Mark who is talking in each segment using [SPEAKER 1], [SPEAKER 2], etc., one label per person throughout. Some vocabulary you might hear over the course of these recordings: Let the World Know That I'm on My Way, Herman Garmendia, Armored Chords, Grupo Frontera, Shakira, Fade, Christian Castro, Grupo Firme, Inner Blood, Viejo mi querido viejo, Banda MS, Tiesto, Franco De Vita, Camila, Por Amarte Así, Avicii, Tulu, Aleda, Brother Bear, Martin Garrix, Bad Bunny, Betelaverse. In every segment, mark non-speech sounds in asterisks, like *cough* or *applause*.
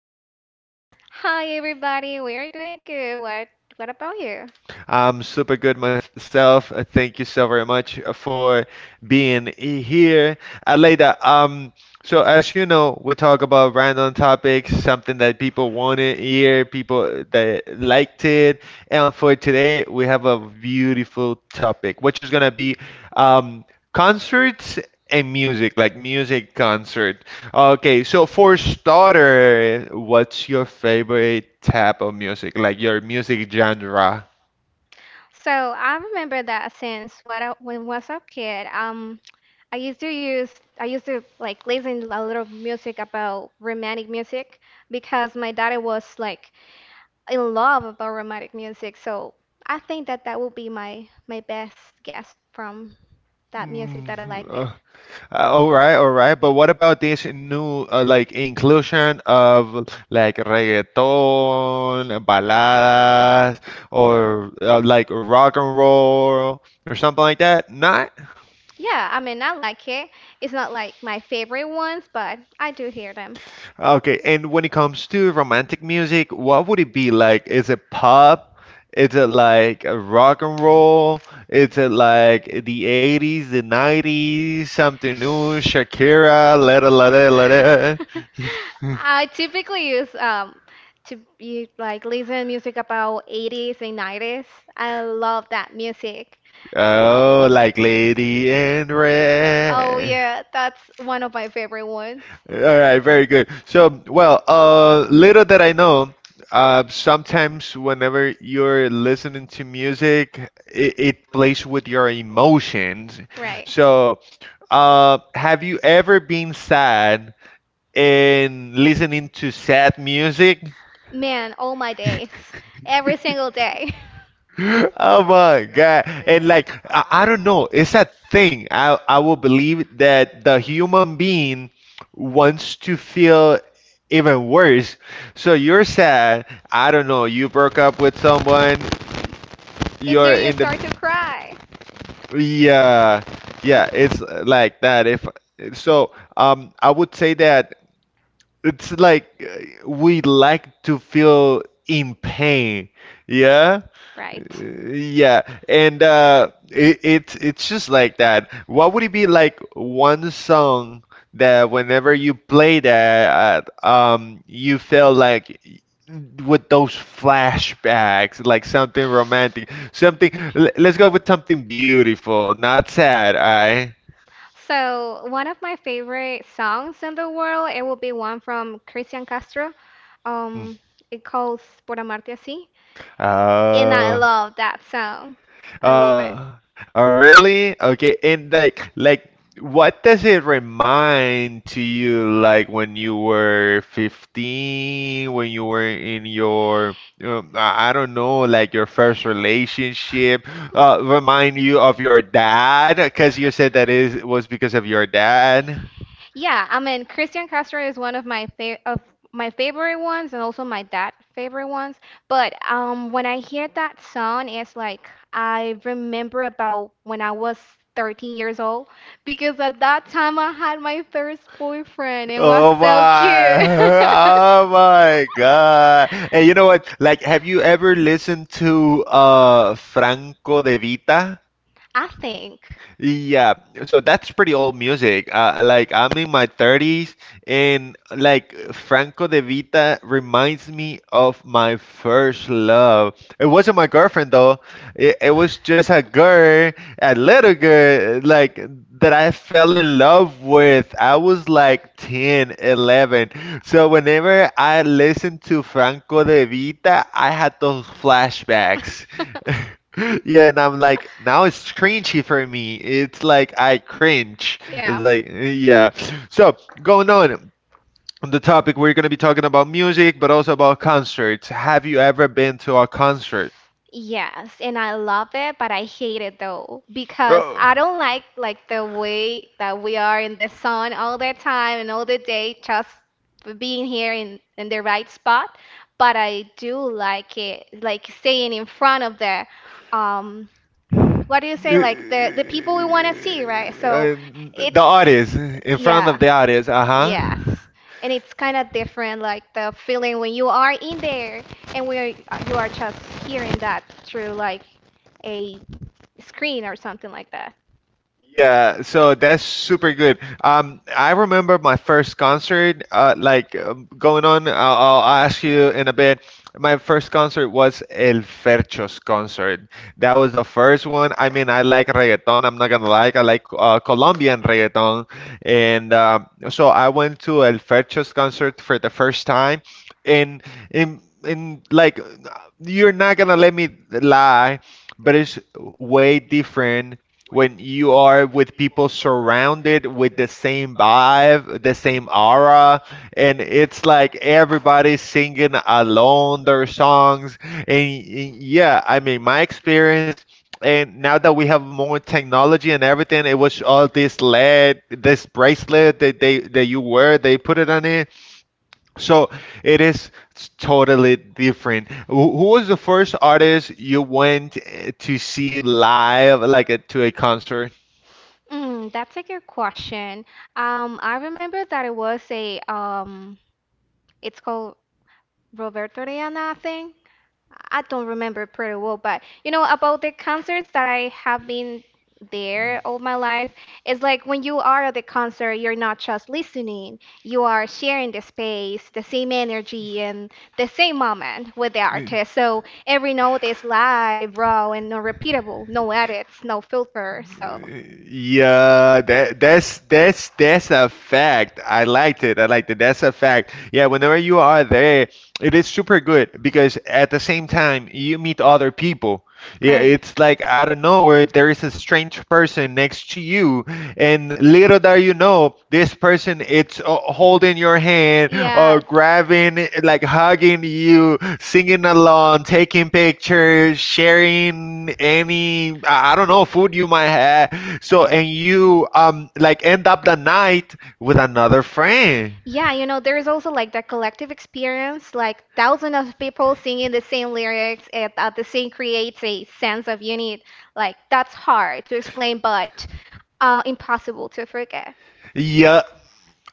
[SPEAKER 1] how you doing, girl?
[SPEAKER 2] Hi everybody, we are doing good. What about you?
[SPEAKER 1] I'm super good myself. Thank you so very much for being here. Aleida, so as you know, we talk about random topics, something that people want to hear, people that liked it. And for today, we have a beautiful topic, which is gonna be um, concerts and music, like music concert. Okay, so for starter, what's your favorite type of music? Like your music genre?
[SPEAKER 2] So I remember that since when was a kid, I used to like listen a little music about romantic music because my daddy was like in love about romantic music. So I think that would be my best guess from that music
[SPEAKER 1] Mm,
[SPEAKER 2] that I like it.
[SPEAKER 1] uh, all right, all right. But what about this new like inclusion of like reggaeton, baladas, or like rock and roll or something like that? Not?
[SPEAKER 2] Yeah, I mean I like it. It's not like my favorite ones, but I do hear them.
[SPEAKER 1] Okay. And when it comes to romantic music, what would it be like? Is it pop? Is it like a rock and roll? Is it like the 80s, the 90s, something new, Shakira, la da la da la da? *laughs*
[SPEAKER 2] I typically use to be like listen music about 80s and 90s. I love that music.
[SPEAKER 1] Oh, like Lady in
[SPEAKER 2] Oh
[SPEAKER 1] Red.
[SPEAKER 2] yeah, that's one of my favorite ones.
[SPEAKER 1] All right, very good. So, well, little that I know, sometimes whenever you're listening to music, it plays with your emotions.
[SPEAKER 2] Right.
[SPEAKER 1] So, have you ever been sad and listening to sad music?
[SPEAKER 2] Man, all my days. Every single day. *laughs*
[SPEAKER 1] Oh my God. And like I don't know, it's a thing. I will believe that the human being wants to feel even worse. So you're sad. I don't know, you broke up with someone,
[SPEAKER 2] And there
[SPEAKER 1] you're
[SPEAKER 2] you
[SPEAKER 1] in
[SPEAKER 2] start
[SPEAKER 1] the
[SPEAKER 2] to cry.
[SPEAKER 1] yeah, yeah, it's like that. If so, I would say that it's like we like to feel in pain. Yeah,
[SPEAKER 2] Right.
[SPEAKER 1] yeah, and it's just like that. What would it be like one song that whenever you play that, you feel like with those flashbacks, like something romantic, something. Let's go with something beautiful, not sad. I.
[SPEAKER 2] So, one of my favorite songs in the world, it will be one from Christian Castro. Um, it calls Por Amarte Así. And I
[SPEAKER 1] Oh.
[SPEAKER 2] love that song. I love it.
[SPEAKER 1] Uh, oh, really? Okay, and what does it remind to you, like, when you were 15, when you were in your, I don't know, like your first relationship, remind you of your dad? Because you said that is was because of your dad.
[SPEAKER 2] Yeah, I mean, Christian Castro is one of my fa of my favorite ones and also my dad favorite ones. But when I hear that song, it's like I remember about when I was 13 years old because at that time I had my first boyfriend and it was
[SPEAKER 1] Oh
[SPEAKER 2] so
[SPEAKER 1] my,
[SPEAKER 2] cute. *laughs*
[SPEAKER 1] oh my God. And you know what? Like, have you ever listened to Franco De Vita?
[SPEAKER 2] I think.
[SPEAKER 1] Yeah, so that's pretty old music. Like I'm in my 30s, and like Franco De Vita reminds me of my first love. It wasn't my girlfriend though. It was just a girl, a little girl, like that I fell in love with. I was like 10, 11. So whenever I listened to Franco De Vita, I had those flashbacks. *laughs* *laughs* Yeah, and I'm like, now it's cringy for me. It's like I cringe. It's
[SPEAKER 2] Yeah.
[SPEAKER 1] like, yeah. So, going on the topic, we're going to be talking about music, but also about concerts. Have you ever been to a concert?
[SPEAKER 2] Yes, and I love it, but I hate it though because
[SPEAKER 1] Oh.
[SPEAKER 2] I don't like the way that we are in the sun all the time and all the day just being here in the right spot. But I do like it, like staying in front of the um
[SPEAKER 1] Uh,
[SPEAKER 2] what do you say like
[SPEAKER 1] *laughs*
[SPEAKER 2] the people we want to see, right? So
[SPEAKER 1] uh,
[SPEAKER 2] it's,
[SPEAKER 1] the audience, in front
[SPEAKER 2] yeah.
[SPEAKER 1] of the audience, uh-huh.
[SPEAKER 2] Yes, and it's kind of different like the feeling when you are in there and where you are just hearing that through like a screen or something like that.
[SPEAKER 1] Yeah, so that's super good. I remember my first concert, like going on. I'll ask you in a bit. My first concert was El Fercho's concert. That was the first one. I mean, I like reggaeton. I'm not gonna lie. I like Colombian reggaeton, and so I went to El Fercho's concert for the first time, and like you're not gonna let me lie, but it's way different when you are with people surrounded with the same vibe, the same aura, and it's like everybody's singing along their songs. And yeah, I mean, my experience, and now that we have more technology and everything, it was all this lead, this bracelet that they that you wear, they put it on it. So it is totally different. Who was the first artist you went to see live, like to a concert?
[SPEAKER 2] That's a good question. I remember that it was a it's called Roberto Reana thing. I don't remember pretty well, but you know, about the concerts that I have been there all my life, it's like when you are at the concert, you're not just listening, you are sharing the space, the same energy, and the same moment with the
[SPEAKER 1] Yeah.
[SPEAKER 2] artist. So every note is live, raw, and unrepeatable. No edits, no filter.
[SPEAKER 1] So
[SPEAKER 2] So
[SPEAKER 1] yeah, that's a fact. I liked it. I liked it. That's a fact. Yeah, whenever you are there, it is super good because at the same time you meet other people. Yeah,
[SPEAKER 2] great.
[SPEAKER 1] it's like out of nowhere there is a strange person next to you and little that you know, this person it's holding your hand or
[SPEAKER 2] Yes.
[SPEAKER 1] grabbing, like hugging you, singing along, taking pictures, sharing any I don't know food you might have. So and you like end up the night with another friend.
[SPEAKER 2] There is also like that collective experience, like thousands of people singing the same lyrics and the same creates a sense of unity. Like that's hard to explain, but impossible to forget.
[SPEAKER 1] Yeah,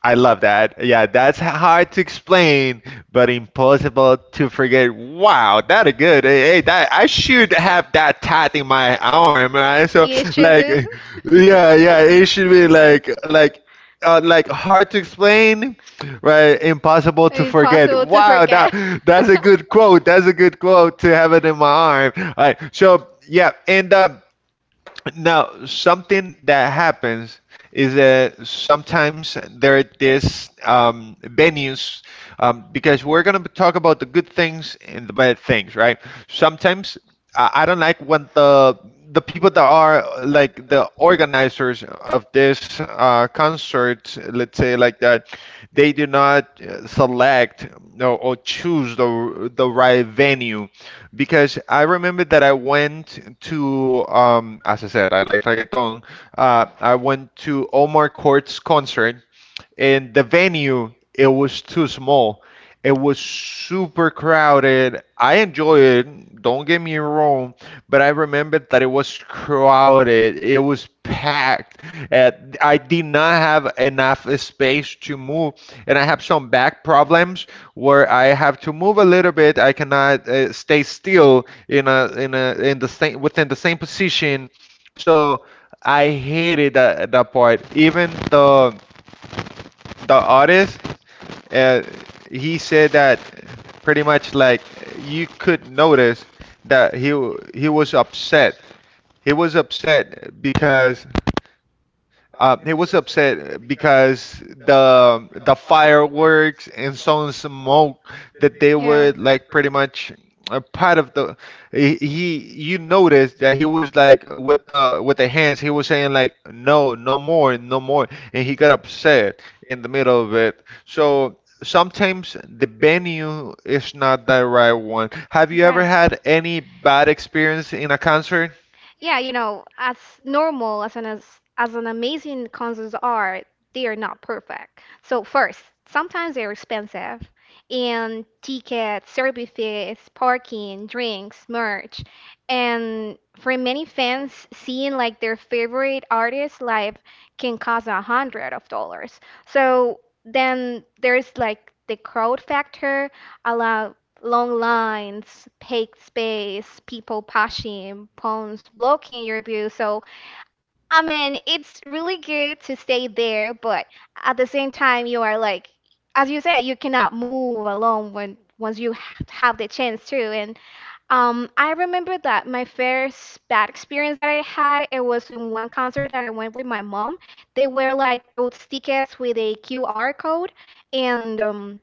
[SPEAKER 1] I love that. Yeah, that's hard to explain, but impossible to forget. Wow, that a good. Hey, hey, that I should have that tat in my arm, right? So
[SPEAKER 2] You should
[SPEAKER 1] like,
[SPEAKER 2] do.
[SPEAKER 1] yeah, yeah, it should be like like hard to explain, right? Impossible to forget.
[SPEAKER 2] Impossible to
[SPEAKER 1] Wow, that
[SPEAKER 2] forget.
[SPEAKER 1] that's a good quote. That's a good quote to have it in my arm. All right. So yeah, and now, something that happens is that sometimes there are these venues, because we're going to talk about the good things and the bad things, right? Sometimes I don't like when the people that are like the organizers of this concert, let's say like that, they do not select or choose the right venue, because I remember that I went to as I said I like reggaeton. I went to Omar Court's concert and the venue it was too small. It was super crowded. I enjoy it, don't get me wrong, but I remembered that it was crowded. It was packed. Uh, I did not have enough space to move, and I have some back problems where I have to move a little bit. I cannot stay still in a in the same within the same position. So I hated that part. Even the artist, uh, he said that pretty much like you could notice that he he was upset. He was upset because the fireworks and some smoke that they
[SPEAKER 2] *laughs*
[SPEAKER 1] were
[SPEAKER 2] Yeah.
[SPEAKER 1] like pretty much a part of the he, you noticed that he was like with the hands he was saying like no no more no more and he got upset in the middle of it so sometimes the venue is not the right one. Have you ever
[SPEAKER 2] Right.
[SPEAKER 1] had any bad experience in a concert
[SPEAKER 2] As normal as as an amazing concerts are, they are not perfect. So first, sometimes they're expensive, and tickets, service fees, parking, drinks, merch, and for many fans, seeing like their favorite artist live can cost a hundred of dollars. So then there's like the crowd factor. Long lines, packed space, people pushing, phones blocking your view. So, I mean, it's really good to stay there, but at the same time, you are like, as you said, you cannot move alone when once you have the chance to. And I remember that my first bad experience that I had, it was in one concert that I went with my mom. They were like those tickets with a QR code, and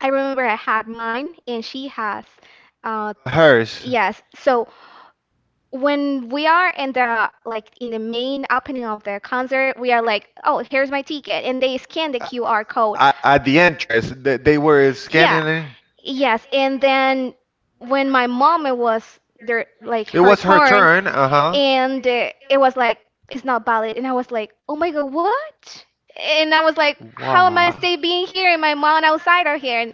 [SPEAKER 2] I remember I had mine and she has uh,
[SPEAKER 1] hers
[SPEAKER 2] yes. So when we are in the main opening of the concert, we are like, "Oh, here's my ticket," and they scan the
[SPEAKER 1] uh,
[SPEAKER 2] QR code.
[SPEAKER 1] at the entrance? They were scanning
[SPEAKER 2] Yeah.
[SPEAKER 1] it.
[SPEAKER 2] Yes, and then when my mom it was there like
[SPEAKER 1] It
[SPEAKER 2] her
[SPEAKER 1] was her
[SPEAKER 2] turn,
[SPEAKER 1] turn. Uh huh.
[SPEAKER 2] and it was like it's not valid, and I was like, "Oh my God, what?" And I was like, "How am I
[SPEAKER 1] Wow.
[SPEAKER 2] still being here? And my mom outside are here."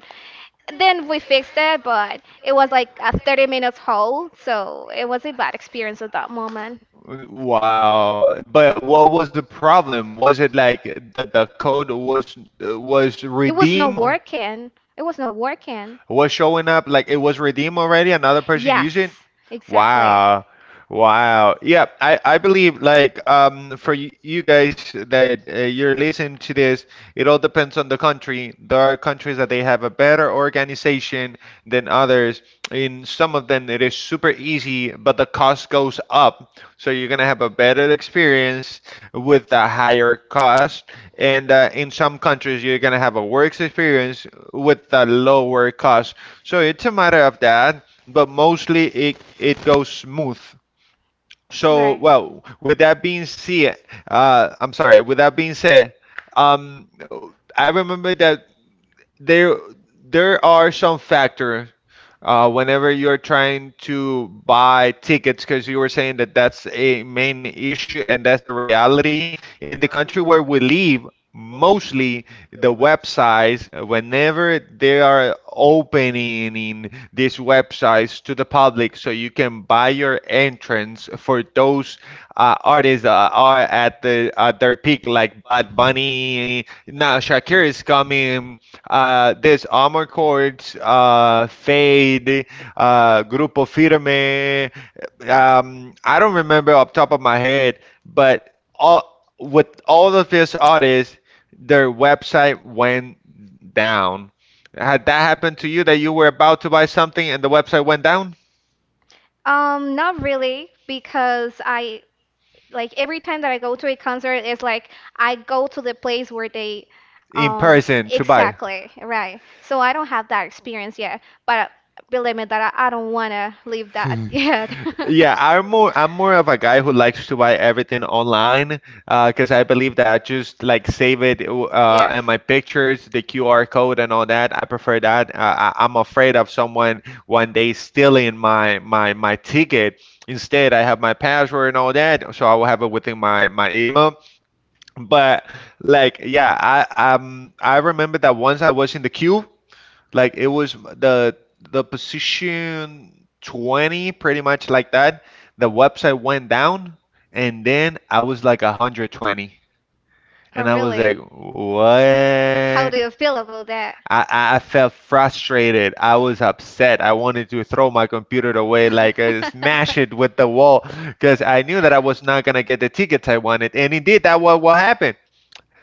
[SPEAKER 2] Then we fixed it, but it was like a 30 minutes haul, so it was a bad experience at that moment.
[SPEAKER 1] Wow. But what was the problem? Was it like that the code was
[SPEAKER 2] It was not
[SPEAKER 1] redeemed?
[SPEAKER 2] working. It was not working.
[SPEAKER 1] Was showing up like it was redeemed already, another person
[SPEAKER 2] Yes,
[SPEAKER 1] used it.
[SPEAKER 2] exactly.
[SPEAKER 1] Wow. Wow. Yeah, I believe like for you guys that you're listening to this, it all depends on the country. There are countries that they have a better organization than others. In some of them it is super easy, but the cost goes up. So you're gonna have a better experience with a higher cost and in some countries you're going to have a works experience with a lower cost so it's a matter of that but mostly it it goes smooth so
[SPEAKER 2] Right.
[SPEAKER 1] well with that being said I'm sorry with that being said um, I remember that there there are some factor whenever you're trying to buy tickets because you were saying that that's a main issue and that's a reality in the country where we live mostly the websites whenever they are opening these websites to the public so you can buy your entrance for those artists that are at the at their peak like Bad Bunny, now Shakira is coming, there's Armored Chords, Fade, Grupo Firme. I don't remember off top of my head, but all with all of these artists, their website went down. Had that happened to you that you were about to buy something and the website went down
[SPEAKER 2] Not really, because I like every time that I go to a concert, it's like I go to the place where they,
[SPEAKER 1] in
[SPEAKER 2] um,
[SPEAKER 1] person to buy?
[SPEAKER 2] exactly, right. So I don't have that experience yet, but believe me that I don't wanna leave that *laughs*
[SPEAKER 1] *laughs*
[SPEAKER 2] yet.
[SPEAKER 1] Yeah, I'm more of a guy who likes to buy everything online 'cause I believe that just like save it and my pictures, the QR code and all that. I prefer that. I'm afraid of someone
[SPEAKER 2] Yes.
[SPEAKER 1] one day stealing my ticket. Instead, I have my password and all that, so I will have it within my email. But like, yeah, I remember that once I was in the queue. Like it was the position 20, pretty much like that. The website went down, and then I was like 120,
[SPEAKER 2] Oh,
[SPEAKER 1] and I was like,
[SPEAKER 2] really? How
[SPEAKER 1] what?
[SPEAKER 2] do you feel about that?
[SPEAKER 1] I felt frustrated. I was upset. I wanted to throw my computer away, like smash it with the
[SPEAKER 2] *laughs*
[SPEAKER 1] wall, because I knew that I was not gonna get the tickets I wanted. And indeed, that what happened.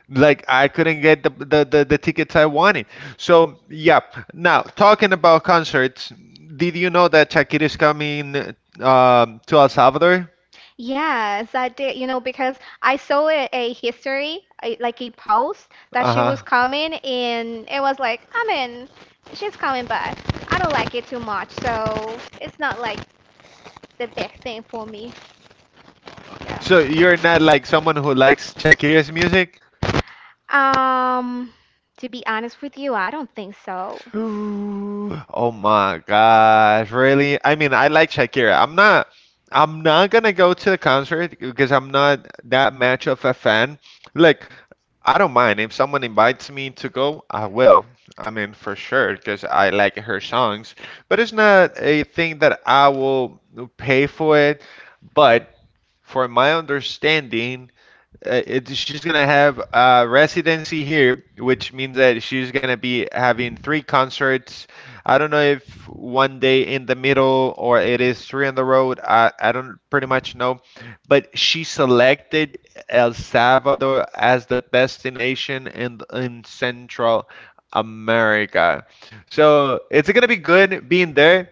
[SPEAKER 1] Like I couldn't get the, the the tickets I wanted. So yeah. Now talking about concerts, did you know that Shakira is coming to El Salvador?
[SPEAKER 2] Yes, I did. You know, because I saw a history, like a post that she was
[SPEAKER 1] Uh-huh.
[SPEAKER 2] coming, and it was like, I mean, she's coming, but I don't like it too much, so it's not like the big thing for me.
[SPEAKER 1] So
[SPEAKER 2] Yeah.
[SPEAKER 1] you're not like someone who likes Shakira's music?
[SPEAKER 2] Um, to be honest with you, I don't think so.
[SPEAKER 1] Ooh, oh my gosh, really? I mean, I like Shakira. I'm not gonna go to the concert because I'm not that much of a fan. Like I don't mind if someone invites me to go, I will. I mean, for sure, because I like her songs. But it's not a thing that I will pay for it. But for my understanding, she's gonna have a residency here, which means that she's gonna be having three concerts. I don't know if one day in the middle or it is three on the road. I don't pretty much know, but she selected El Salvador as the destination in Central America. So it's gonna be good being there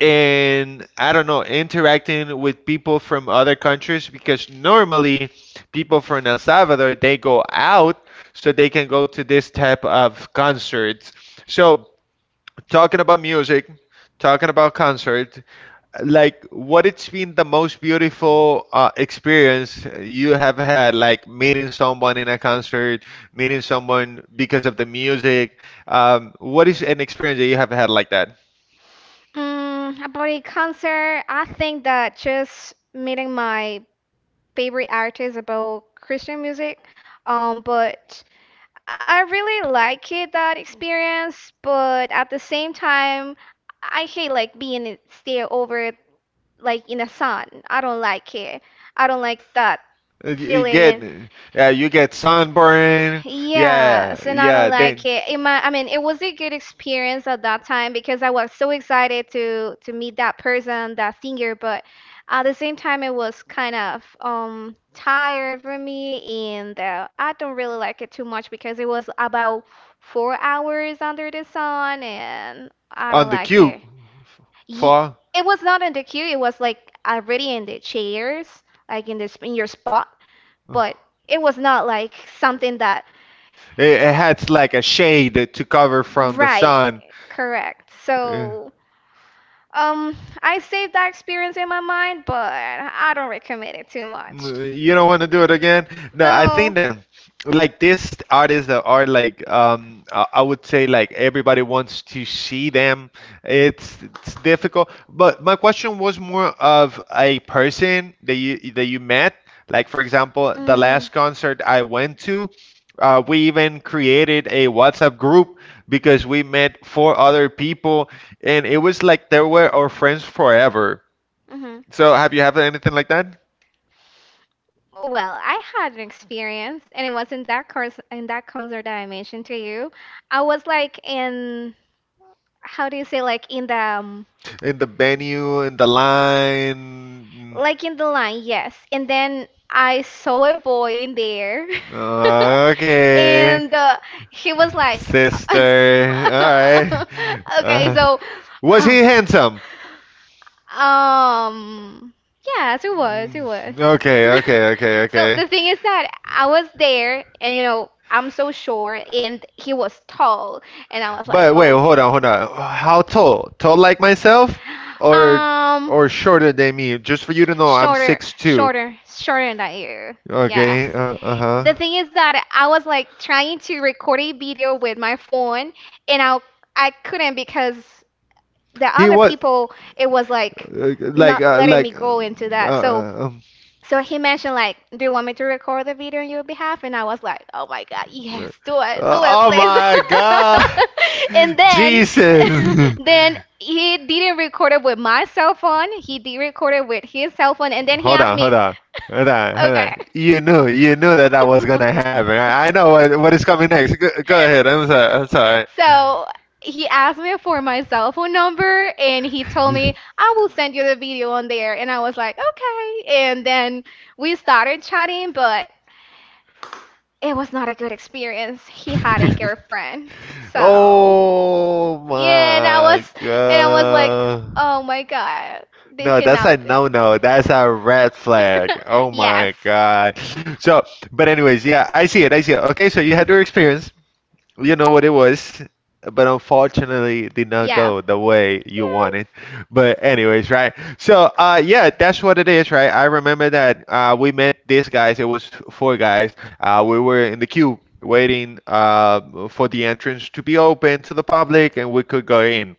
[SPEAKER 1] and I don't know, interacting with people from other countries because normally people from El Salvador they go out so they can go to this type of concerts. So talking about music, talking about concert, like what it's been the most beautiful experience you have had, like meeting someone in a concert, meeting someone because of the music. What is an experience that you have had like that?
[SPEAKER 2] Mm, about a concert, I think that just meeting my favorite artist about Christian music, but I really like it that experience, but at the same time, I hate like being stay over like in the sun. I don't like it. I don't like that
[SPEAKER 1] You get,
[SPEAKER 2] feeling.
[SPEAKER 1] yeah, you get sunburn. Yeah,
[SPEAKER 2] Yes, and I
[SPEAKER 1] yeah.
[SPEAKER 2] don't like
[SPEAKER 1] Then
[SPEAKER 2] it. It might, I mean, it was a good experience at that time because I was so excited to meet that person, that singer, but at the same time, it was kind of tired for me, and I don't really like it too much because it was about 4 hours under the sun, and I don't
[SPEAKER 1] on the
[SPEAKER 2] like
[SPEAKER 1] cube
[SPEAKER 2] it. Ye-
[SPEAKER 1] for.
[SPEAKER 2] It was not in the queue. It was like already in the chairs, like in this in your spot, but it was not like something that
[SPEAKER 1] It had like a shade to cover from the
[SPEAKER 2] right,
[SPEAKER 1] sun.
[SPEAKER 2] correct.
[SPEAKER 1] Yeah.
[SPEAKER 2] So, um, I saved that experience in my mind, but I don't recommend it too much.
[SPEAKER 1] You don't want to do it again? No, I think
[SPEAKER 2] No.
[SPEAKER 1] that like this artists that are like I would say like everybody wants to see them. It's difficult. But my question was more of a person that you met. Like for example, the
[SPEAKER 2] Mm,
[SPEAKER 1] last concert I went to. We even created a WhatsApp group because we met four other people, and it was like they were our friends forever.
[SPEAKER 2] mhm.
[SPEAKER 1] So, have you had anything like that?
[SPEAKER 2] Well, I had an experience, and it was in that course in that concert that I mentioned to you. I was like in, how do you say, like in the
[SPEAKER 1] In the venue, in the line?
[SPEAKER 2] like in the line, yes. And then I saw a boy in there. *laughs*
[SPEAKER 1] Okay.
[SPEAKER 2] And he was like, *laughs*
[SPEAKER 1] Sister. All right. *laughs*
[SPEAKER 2] okay,
[SPEAKER 1] Uh,
[SPEAKER 2] so.
[SPEAKER 1] was
[SPEAKER 2] Oh.
[SPEAKER 1] he handsome?
[SPEAKER 2] Um, yes, it was, it was.
[SPEAKER 1] Mm, Okay,
[SPEAKER 2] *laughs*
[SPEAKER 1] okay, okay,
[SPEAKER 2] So
[SPEAKER 1] okay.
[SPEAKER 2] the thing is that I was there, and you know, I'm so short, and he was tall, and I was like,
[SPEAKER 1] But wait,
[SPEAKER 2] oh.
[SPEAKER 1] hold on, hold on. How tall? Tall like myself, or
[SPEAKER 2] Um,
[SPEAKER 1] shorter than me? Just for you to know, I'm
[SPEAKER 2] shorter,
[SPEAKER 1] 6'2".
[SPEAKER 2] shorter, shorter than you. Yes.
[SPEAKER 1] Okay, uh-huh.
[SPEAKER 2] The thing is that I was like trying to record a video with my phone, and I couldn't because the
[SPEAKER 1] He
[SPEAKER 2] other
[SPEAKER 1] was
[SPEAKER 2] people it was like
[SPEAKER 1] uh, like
[SPEAKER 2] not
[SPEAKER 1] uh,
[SPEAKER 2] letting me
[SPEAKER 1] like uh,
[SPEAKER 2] go into that.
[SPEAKER 1] uh,
[SPEAKER 2] So he mentioned like, "Do you want me to record the video on your behalf?" And I was like, "Oh my God, yes,
[SPEAKER 1] Uh,
[SPEAKER 2] do it,
[SPEAKER 1] Oh
[SPEAKER 2] please."
[SPEAKER 1] my God,
[SPEAKER 2] *laughs* And
[SPEAKER 1] *laughs*
[SPEAKER 2] then,
[SPEAKER 1] Jesus!
[SPEAKER 2] *laughs* then he didn't record it with my cell phone. He did record it with his cell phone, and then he
[SPEAKER 1] Hold
[SPEAKER 2] asked
[SPEAKER 1] on, hold
[SPEAKER 2] me,
[SPEAKER 1] on, hold on,
[SPEAKER 2] *laughs*
[SPEAKER 1] hold on.
[SPEAKER 2] "Okay."
[SPEAKER 1] You knew that that was gonna happen.
[SPEAKER 2] *laughs*
[SPEAKER 1] I know what is coming next. Go, go ahead. I'm sorry. I'm sorry.
[SPEAKER 2] So he asked me for my cell phone number, and he told me I will send you the video on there. And I was like, okay. And then
[SPEAKER 1] *laughs*
[SPEAKER 2] we started chatting, but it was not a good
[SPEAKER 1] *laughs*
[SPEAKER 2] experience. He had a girlfriend. So,
[SPEAKER 1] Oh
[SPEAKER 2] yeah, and
[SPEAKER 1] my
[SPEAKER 2] and I was like,
[SPEAKER 1] god.
[SPEAKER 2] oh my God, this
[SPEAKER 1] No, that's
[SPEAKER 2] cannot
[SPEAKER 1] a
[SPEAKER 2] be.
[SPEAKER 1] no-no. That's a red flag. Oh
[SPEAKER 2] *laughs* Yes.
[SPEAKER 1] my god. So, but anyways, yeah, I see it. I see it. Okay, so you had your experience. You know what it was, but unfortunately it did not
[SPEAKER 2] Yeah.
[SPEAKER 1] go the way you
[SPEAKER 2] Yes.
[SPEAKER 1] wanted. But anyways, right? So yeah, that's what it is, right? I remember that we met these guys, it was four guys. We were in the queue waiting for the entrance to be open to the public and we could go in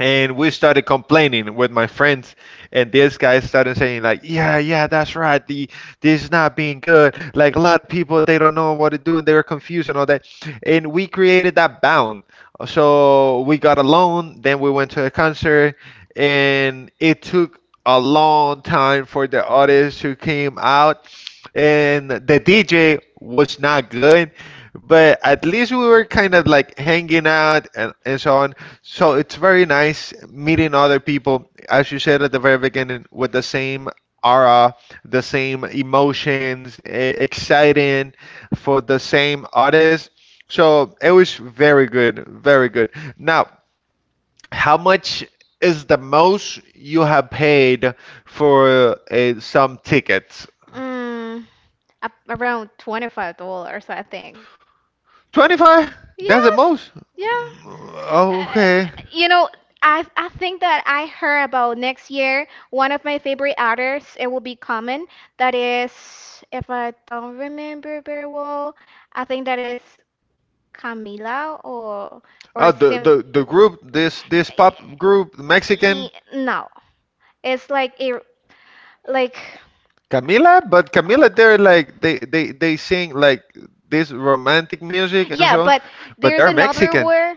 [SPEAKER 1] and we started complaining with my friends and this guy started saying like yeah yeah that's right the this is not being good like a lot of people they don't know what to do and they're confused and all that and we created that bound so we got a loan then we went to a concert and it took a long time for the artists who came out and the DJ was not good but at least we were kind of like hanging out and so on, so it's very nice meeting other people, as you said at the very beginning, with the same aura, the same emotions, exciting for the same artist. So it was very good, very good. Now, how much is the most you have paid for some tickets?
[SPEAKER 2] Mm, around $25, I think.
[SPEAKER 1] 25? That's the
[SPEAKER 2] Yes.
[SPEAKER 1] most?
[SPEAKER 2] Yeah. Uh,
[SPEAKER 1] Okay.
[SPEAKER 2] you know, I think that I heard about next year. One of my favorite artists, it will be Common. That is, if I don't remember very well, I think that is Camila or
[SPEAKER 1] Oh,
[SPEAKER 2] Sim.
[SPEAKER 1] the group, this pop group, Mexican.
[SPEAKER 2] No, it's like a like.
[SPEAKER 1] Camila, but Camila, they're like they sing like this romantic music and
[SPEAKER 2] Yeah,
[SPEAKER 1] so on,
[SPEAKER 2] but
[SPEAKER 1] but
[SPEAKER 2] there's
[SPEAKER 1] they're
[SPEAKER 2] another
[SPEAKER 1] Mexican.
[SPEAKER 2] word.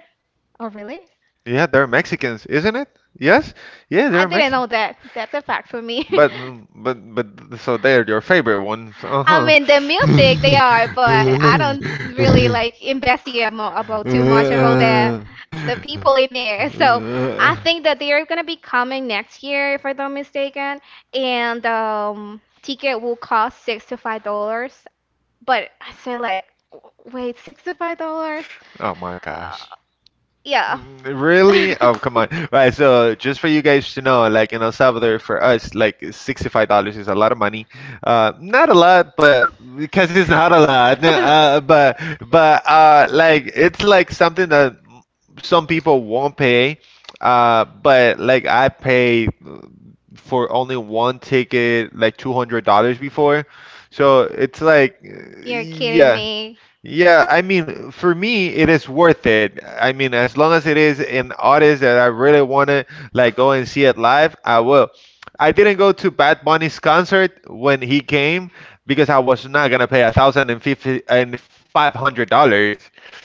[SPEAKER 2] Oh, really?
[SPEAKER 1] Yeah, they're Mexicans, isn't it? Yes, yeah,
[SPEAKER 2] I
[SPEAKER 1] they're
[SPEAKER 2] didn't
[SPEAKER 1] Mexican.
[SPEAKER 2] know that. That's a fact for me. *laughs*
[SPEAKER 1] But so they're your favorite ones,
[SPEAKER 2] I
[SPEAKER 1] uh-huh.
[SPEAKER 2] mean, the music they are, but I don't
[SPEAKER 1] *laughs*
[SPEAKER 2] really like investigate about too much about
[SPEAKER 1] Uh, uh,
[SPEAKER 2] the people in there. So I think that they are gonna be coming next year, if I'm not mistaken, and ticket will cost $6 to $5. But I say like, wait, $6 to $5?
[SPEAKER 1] Oh my gosh.
[SPEAKER 2] Uh, yeah.
[SPEAKER 1] Really? Oh, come on. Right, so just for you guys to know, like in El Salvador, for us, like $65 is a lot of money.
[SPEAKER 2] *laughs*
[SPEAKER 1] Not a lot, but because it's not a lot.
[SPEAKER 2] *laughs*
[SPEAKER 1] But like it's like something that some people won't pay. But like I pay for only one ticket like $200 before. So it's like,
[SPEAKER 2] You're kidding
[SPEAKER 1] yeah.
[SPEAKER 2] me.
[SPEAKER 1] Yeah, I mean, for me, it is worth it. I mean, as long as it is an artist that I really want to like go and see it live, I will. I didn't go to Bad Bunny's concert when he came because I was not gonna pay $1,050 and $500,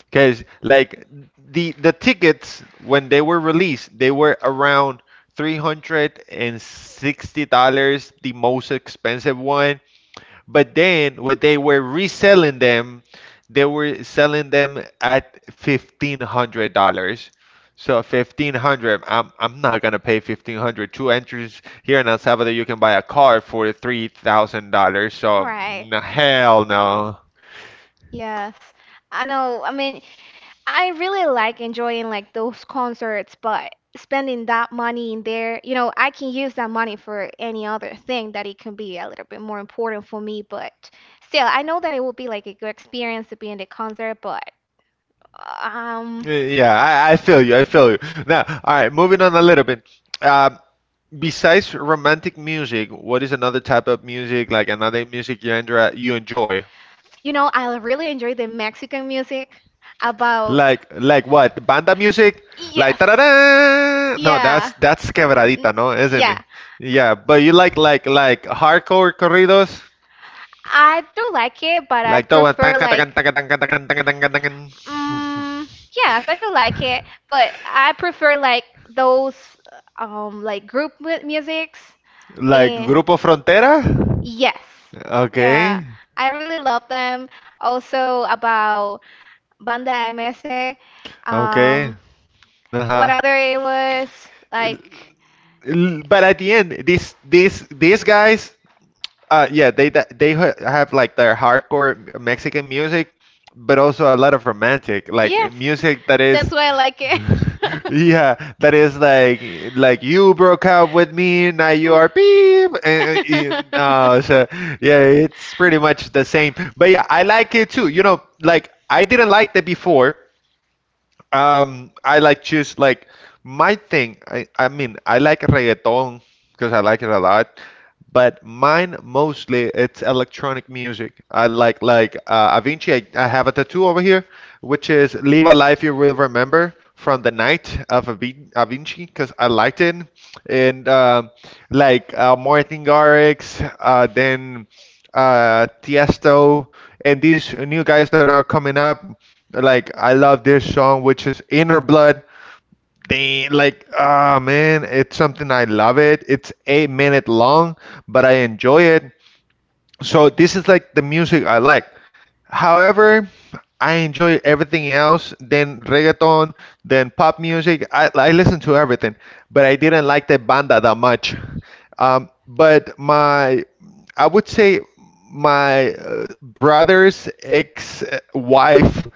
[SPEAKER 1] because like the tickets when they were released, they were around. $360, the most expensive one. But then when they were reselling them, they were selling them at $1,500. So 1,500, I'm not gonna pay 1,500. Two entries here in El Salvador, you can buy a car for $3,000. So
[SPEAKER 2] Right.
[SPEAKER 1] hell no.
[SPEAKER 2] Yes. I know. I mean, I really like enjoying like those concerts, but spending that money in there, you know, I can use that money for any other thing that it can be a little bit more important for me, but still, I know that it would be like a good experience to be in the concert, but um,
[SPEAKER 1] Yeah, I feel you. I feel you. Now, all right, moving on a little bit. Um, Besides romantic music, what is another type of music, like another music you enjoy, you enjoy?
[SPEAKER 2] you know, I really enjoy the Mexican music about.
[SPEAKER 1] Like what? Banda music? Like
[SPEAKER 2] Yes.
[SPEAKER 1] ta-da-da! No, that's
[SPEAKER 2] Yeah.
[SPEAKER 1] that's
[SPEAKER 2] N-
[SPEAKER 1] quebradita, no, isn't it?
[SPEAKER 2] Yeah.
[SPEAKER 1] Yeah, but you like hardcore corridos,
[SPEAKER 2] I do like it, but I
[SPEAKER 1] like the one tan
[SPEAKER 2] prefer
[SPEAKER 1] tan
[SPEAKER 2] like.
[SPEAKER 1] tan tan tan tan tan tan *laughs*
[SPEAKER 2] Mm, yes, I do like it, but I prefer like those like group mu musics.
[SPEAKER 1] Like
[SPEAKER 2] Eh,
[SPEAKER 1] Grupo Frontera?
[SPEAKER 2] yes. Yeah.
[SPEAKER 1] Okay,
[SPEAKER 2] I really love them. Also about Banda MS.
[SPEAKER 1] okay.
[SPEAKER 2] Um, what
[SPEAKER 1] Uh-huh.
[SPEAKER 2] other it was
[SPEAKER 1] L-
[SPEAKER 2] like,
[SPEAKER 1] But at the end, these guys, yeah, they have like their hardcore Mexican music, but also a lot of romantic,
[SPEAKER 2] yes. *laughs*
[SPEAKER 1] music that is,
[SPEAKER 2] That's why I like it.
[SPEAKER 1] *laughs*
[SPEAKER 2] *laughs*
[SPEAKER 1] yeah, that is you broke up with me, now you are beep, and so yeah, it's pretty much the same. But yeah, I like it too. You know, like I didn't like that before I like choose like my thing. I mean I like reggaeton because I like it a lot, but mine mostly it's electronic music. I like like Avicii. I have a tattoo over here, which is "Live a Life You Will Remember" from the night of Avicii because I liked it, and like Martin Garrix, then Tiesto, and these new guys that are coming up. Like I love this song, which is Inner Blood. Damn, like ah man, it's something I love it. It's 8 minute long, but I enjoy it. So this is like the music I like. However, I enjoy everything else, then reggaeton, then pop music. I listen to everything, but I didn't like the banda that much. But I would say my brother's ex-wife,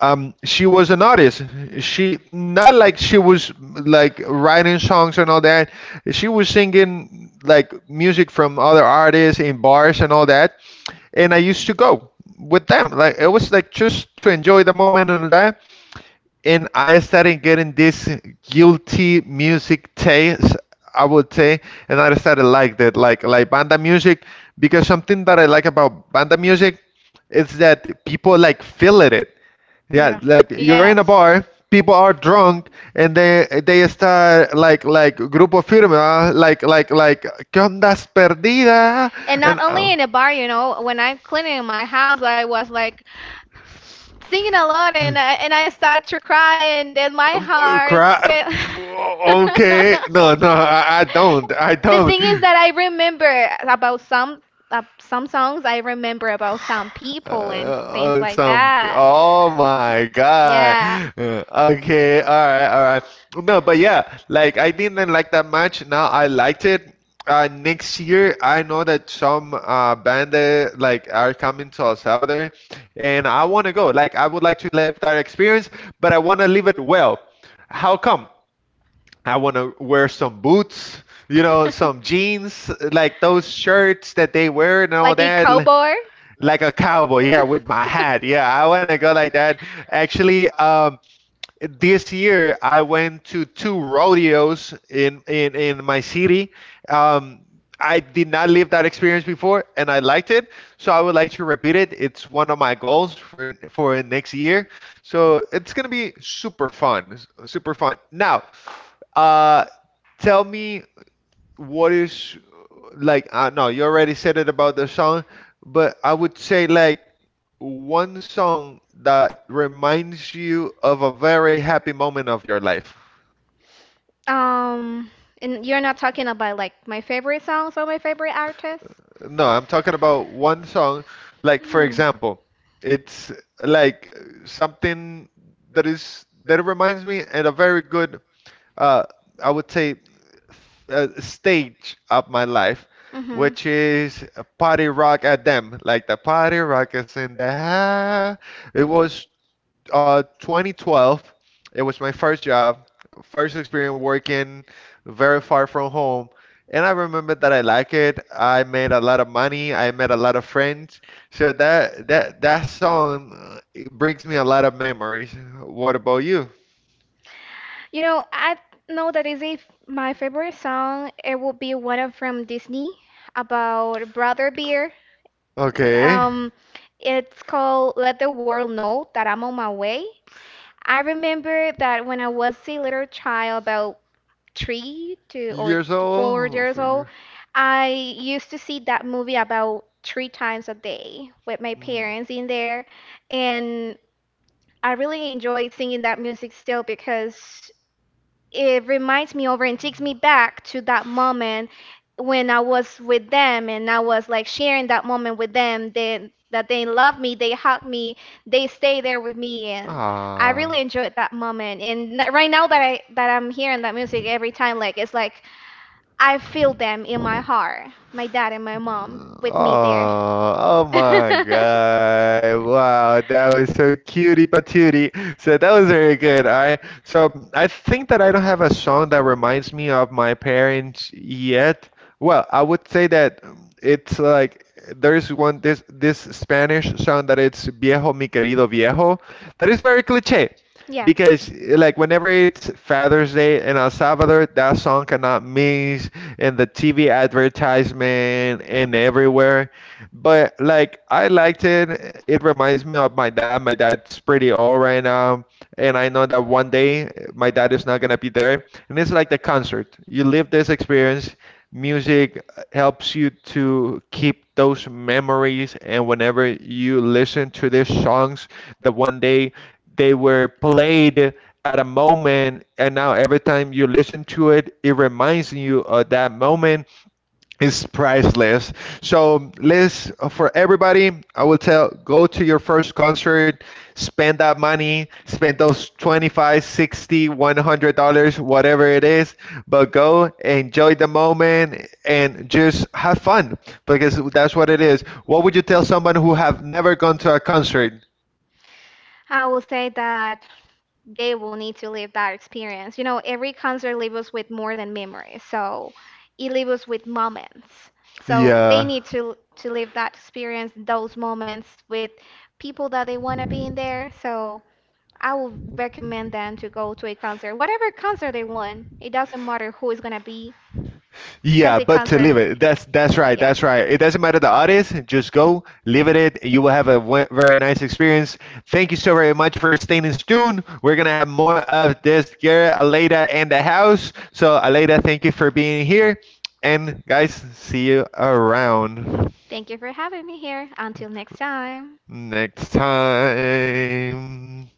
[SPEAKER 1] she was an artist. She not like she was like writing songs and all that. She was singing like music from other artists in bars and all that and I used to go with them. Like it was like just to enjoy the moment and that. And I started getting this guilty music taste, I would say, and I started like that, like banda music, because something that I like about banda music is that people like feel it. Yeah,
[SPEAKER 2] Yeah.
[SPEAKER 1] like you're in a
[SPEAKER 2] Yes,
[SPEAKER 1] bar, people are drunk, and they start grupo firma, like ¿Qué ondas perdida?
[SPEAKER 2] and
[SPEAKER 1] And
[SPEAKER 2] not only in a bar, you know, when I'm cleaning my house I was like singing a lot and and I start to cry and then my
[SPEAKER 1] *laughs*
[SPEAKER 2] heart
[SPEAKER 1] cry.
[SPEAKER 2] fell. *laughs*
[SPEAKER 1] Okay, no no, I don't, I
[SPEAKER 2] The
[SPEAKER 1] don't.
[SPEAKER 2] thing is that I remember about some songs I remember about some people and things like
[SPEAKER 1] Something.
[SPEAKER 2] that.
[SPEAKER 1] Oh my God.
[SPEAKER 2] Yeah.
[SPEAKER 1] Uh, Okay. All right. All right. No, but yeah, like I didn't like that much. Now I liked it. Next year, I know that some band like are coming to El Salvador, and I want to go. Like I would like to live that experience, but I want to live it well. How come? I want to wear some boots, you know, some
[SPEAKER 2] *laughs*
[SPEAKER 1] jeans, like those shirts that they wear and all
[SPEAKER 2] Like a
[SPEAKER 1] that
[SPEAKER 2] cowboy.
[SPEAKER 1] like a cowboy, yeah, with my hat, yeah, I want to go like that.
[SPEAKER 2] *laughs*
[SPEAKER 1] Actually, this year I went to two rodeos in my city. um I did not live that experience before and I liked it, so I would like to repeat it. It's one of my goals for next year. So it's gonna be super fun, super fun. Now, uh tell me what is like, I know you already said it about the song, but I would say like one song that reminds you of a very happy moment of your life.
[SPEAKER 2] Um, and you're not talking about like my favorite songs or my favorite artists?
[SPEAKER 1] No, I'm talking about one song, like for
[SPEAKER 2] Hmm.
[SPEAKER 1] example, it's like something that is that reminds me at a very good uh, I would say stage of my life,
[SPEAKER 2] Mhm.
[SPEAKER 1] which is a party rock at them, like the party rock is in the house. It was 2012. It was my first job, first experience working very far from home. And I remember that I like it. I made a lot of money. I met a lot of friends. So that song it brings me a lot of memories. What about you?
[SPEAKER 2] You know, I know that is if my favorite song it would be one of from Disney about Brother Bear.
[SPEAKER 1] Okay.
[SPEAKER 2] Um, it's called "Let the World Know That I'm on My Way." I remember that when I was a little child, about three
[SPEAKER 1] Years
[SPEAKER 2] four
[SPEAKER 1] old?
[SPEAKER 2] years
[SPEAKER 1] For
[SPEAKER 2] old,
[SPEAKER 1] years.
[SPEAKER 2] I used to see that movie about three times a day with my
[SPEAKER 1] Mm.
[SPEAKER 2] parents in there, and I really enjoy singing that music still because it reminds me over and takes me back to that moment when I was with them and I was like sharing that moment with them. They that they love me, they hug me, they stay there with me, and I
[SPEAKER 1] Ah.
[SPEAKER 2] really enjoyed that moment. And right now that I'm hearing that music every time, like it's like I feel them in my heart, my dad and my mom with me there.
[SPEAKER 1] Oh,
[SPEAKER 2] *laughs*
[SPEAKER 1] oh my God. Wow, that was so cutie patootie. So that was very good. All right. So I think that I don't have a song that reminds me of my parents yet. Well, I would say that it's like there's one this Spanish song that it's Viejo mi querido viejo. That is very cliche.
[SPEAKER 2] Yeah,
[SPEAKER 1] Because like whenever it's Father's Day in El Salvador, that song cannot miss in the TV advertisement and everywhere. But like I liked it. It reminds me of my dad. My dad's pretty old right now, and I know that one day my dad is not gonna be there. And it's like the concert. You live this experience. Music helps you to keep those memories, and whenever you listen to these songs, that one day they were played at a moment and now every time you listen to it it reminds you of that moment is priceless. So Liz, for everybody, I will tell go to your first concert, spend that money, spend those 25, 60, $100, whatever it is, but go enjoy the moment and just have fun because that's what it is. What would you tell someone who have never gone to a concert?
[SPEAKER 2] I will say that they will need to live that experience. You know, every concert leaves us with more than memories. So it leaves us with moments. So they
[SPEAKER 1] Yeah.
[SPEAKER 2] need to live that experience, those moments with people that they want to be in there. So I will recommend them to go to a concert, whatever concert they want. It doesn't matter who is gonna be
[SPEAKER 1] Yeah,
[SPEAKER 2] Chelsea
[SPEAKER 1] but to
[SPEAKER 2] concert.
[SPEAKER 1] live it. That's right.
[SPEAKER 2] Yes.
[SPEAKER 1] That's right. It doesn't matter the artist. Just go, live it. You will have a very nice experience. Thank you so very much for staying in tune. We're gonna have more of this Garrett, Aleda, and the house. So Aleda, thank you for being here. And guys, see you around
[SPEAKER 2] Thank you for having me here. Until next time.
[SPEAKER 1] next time.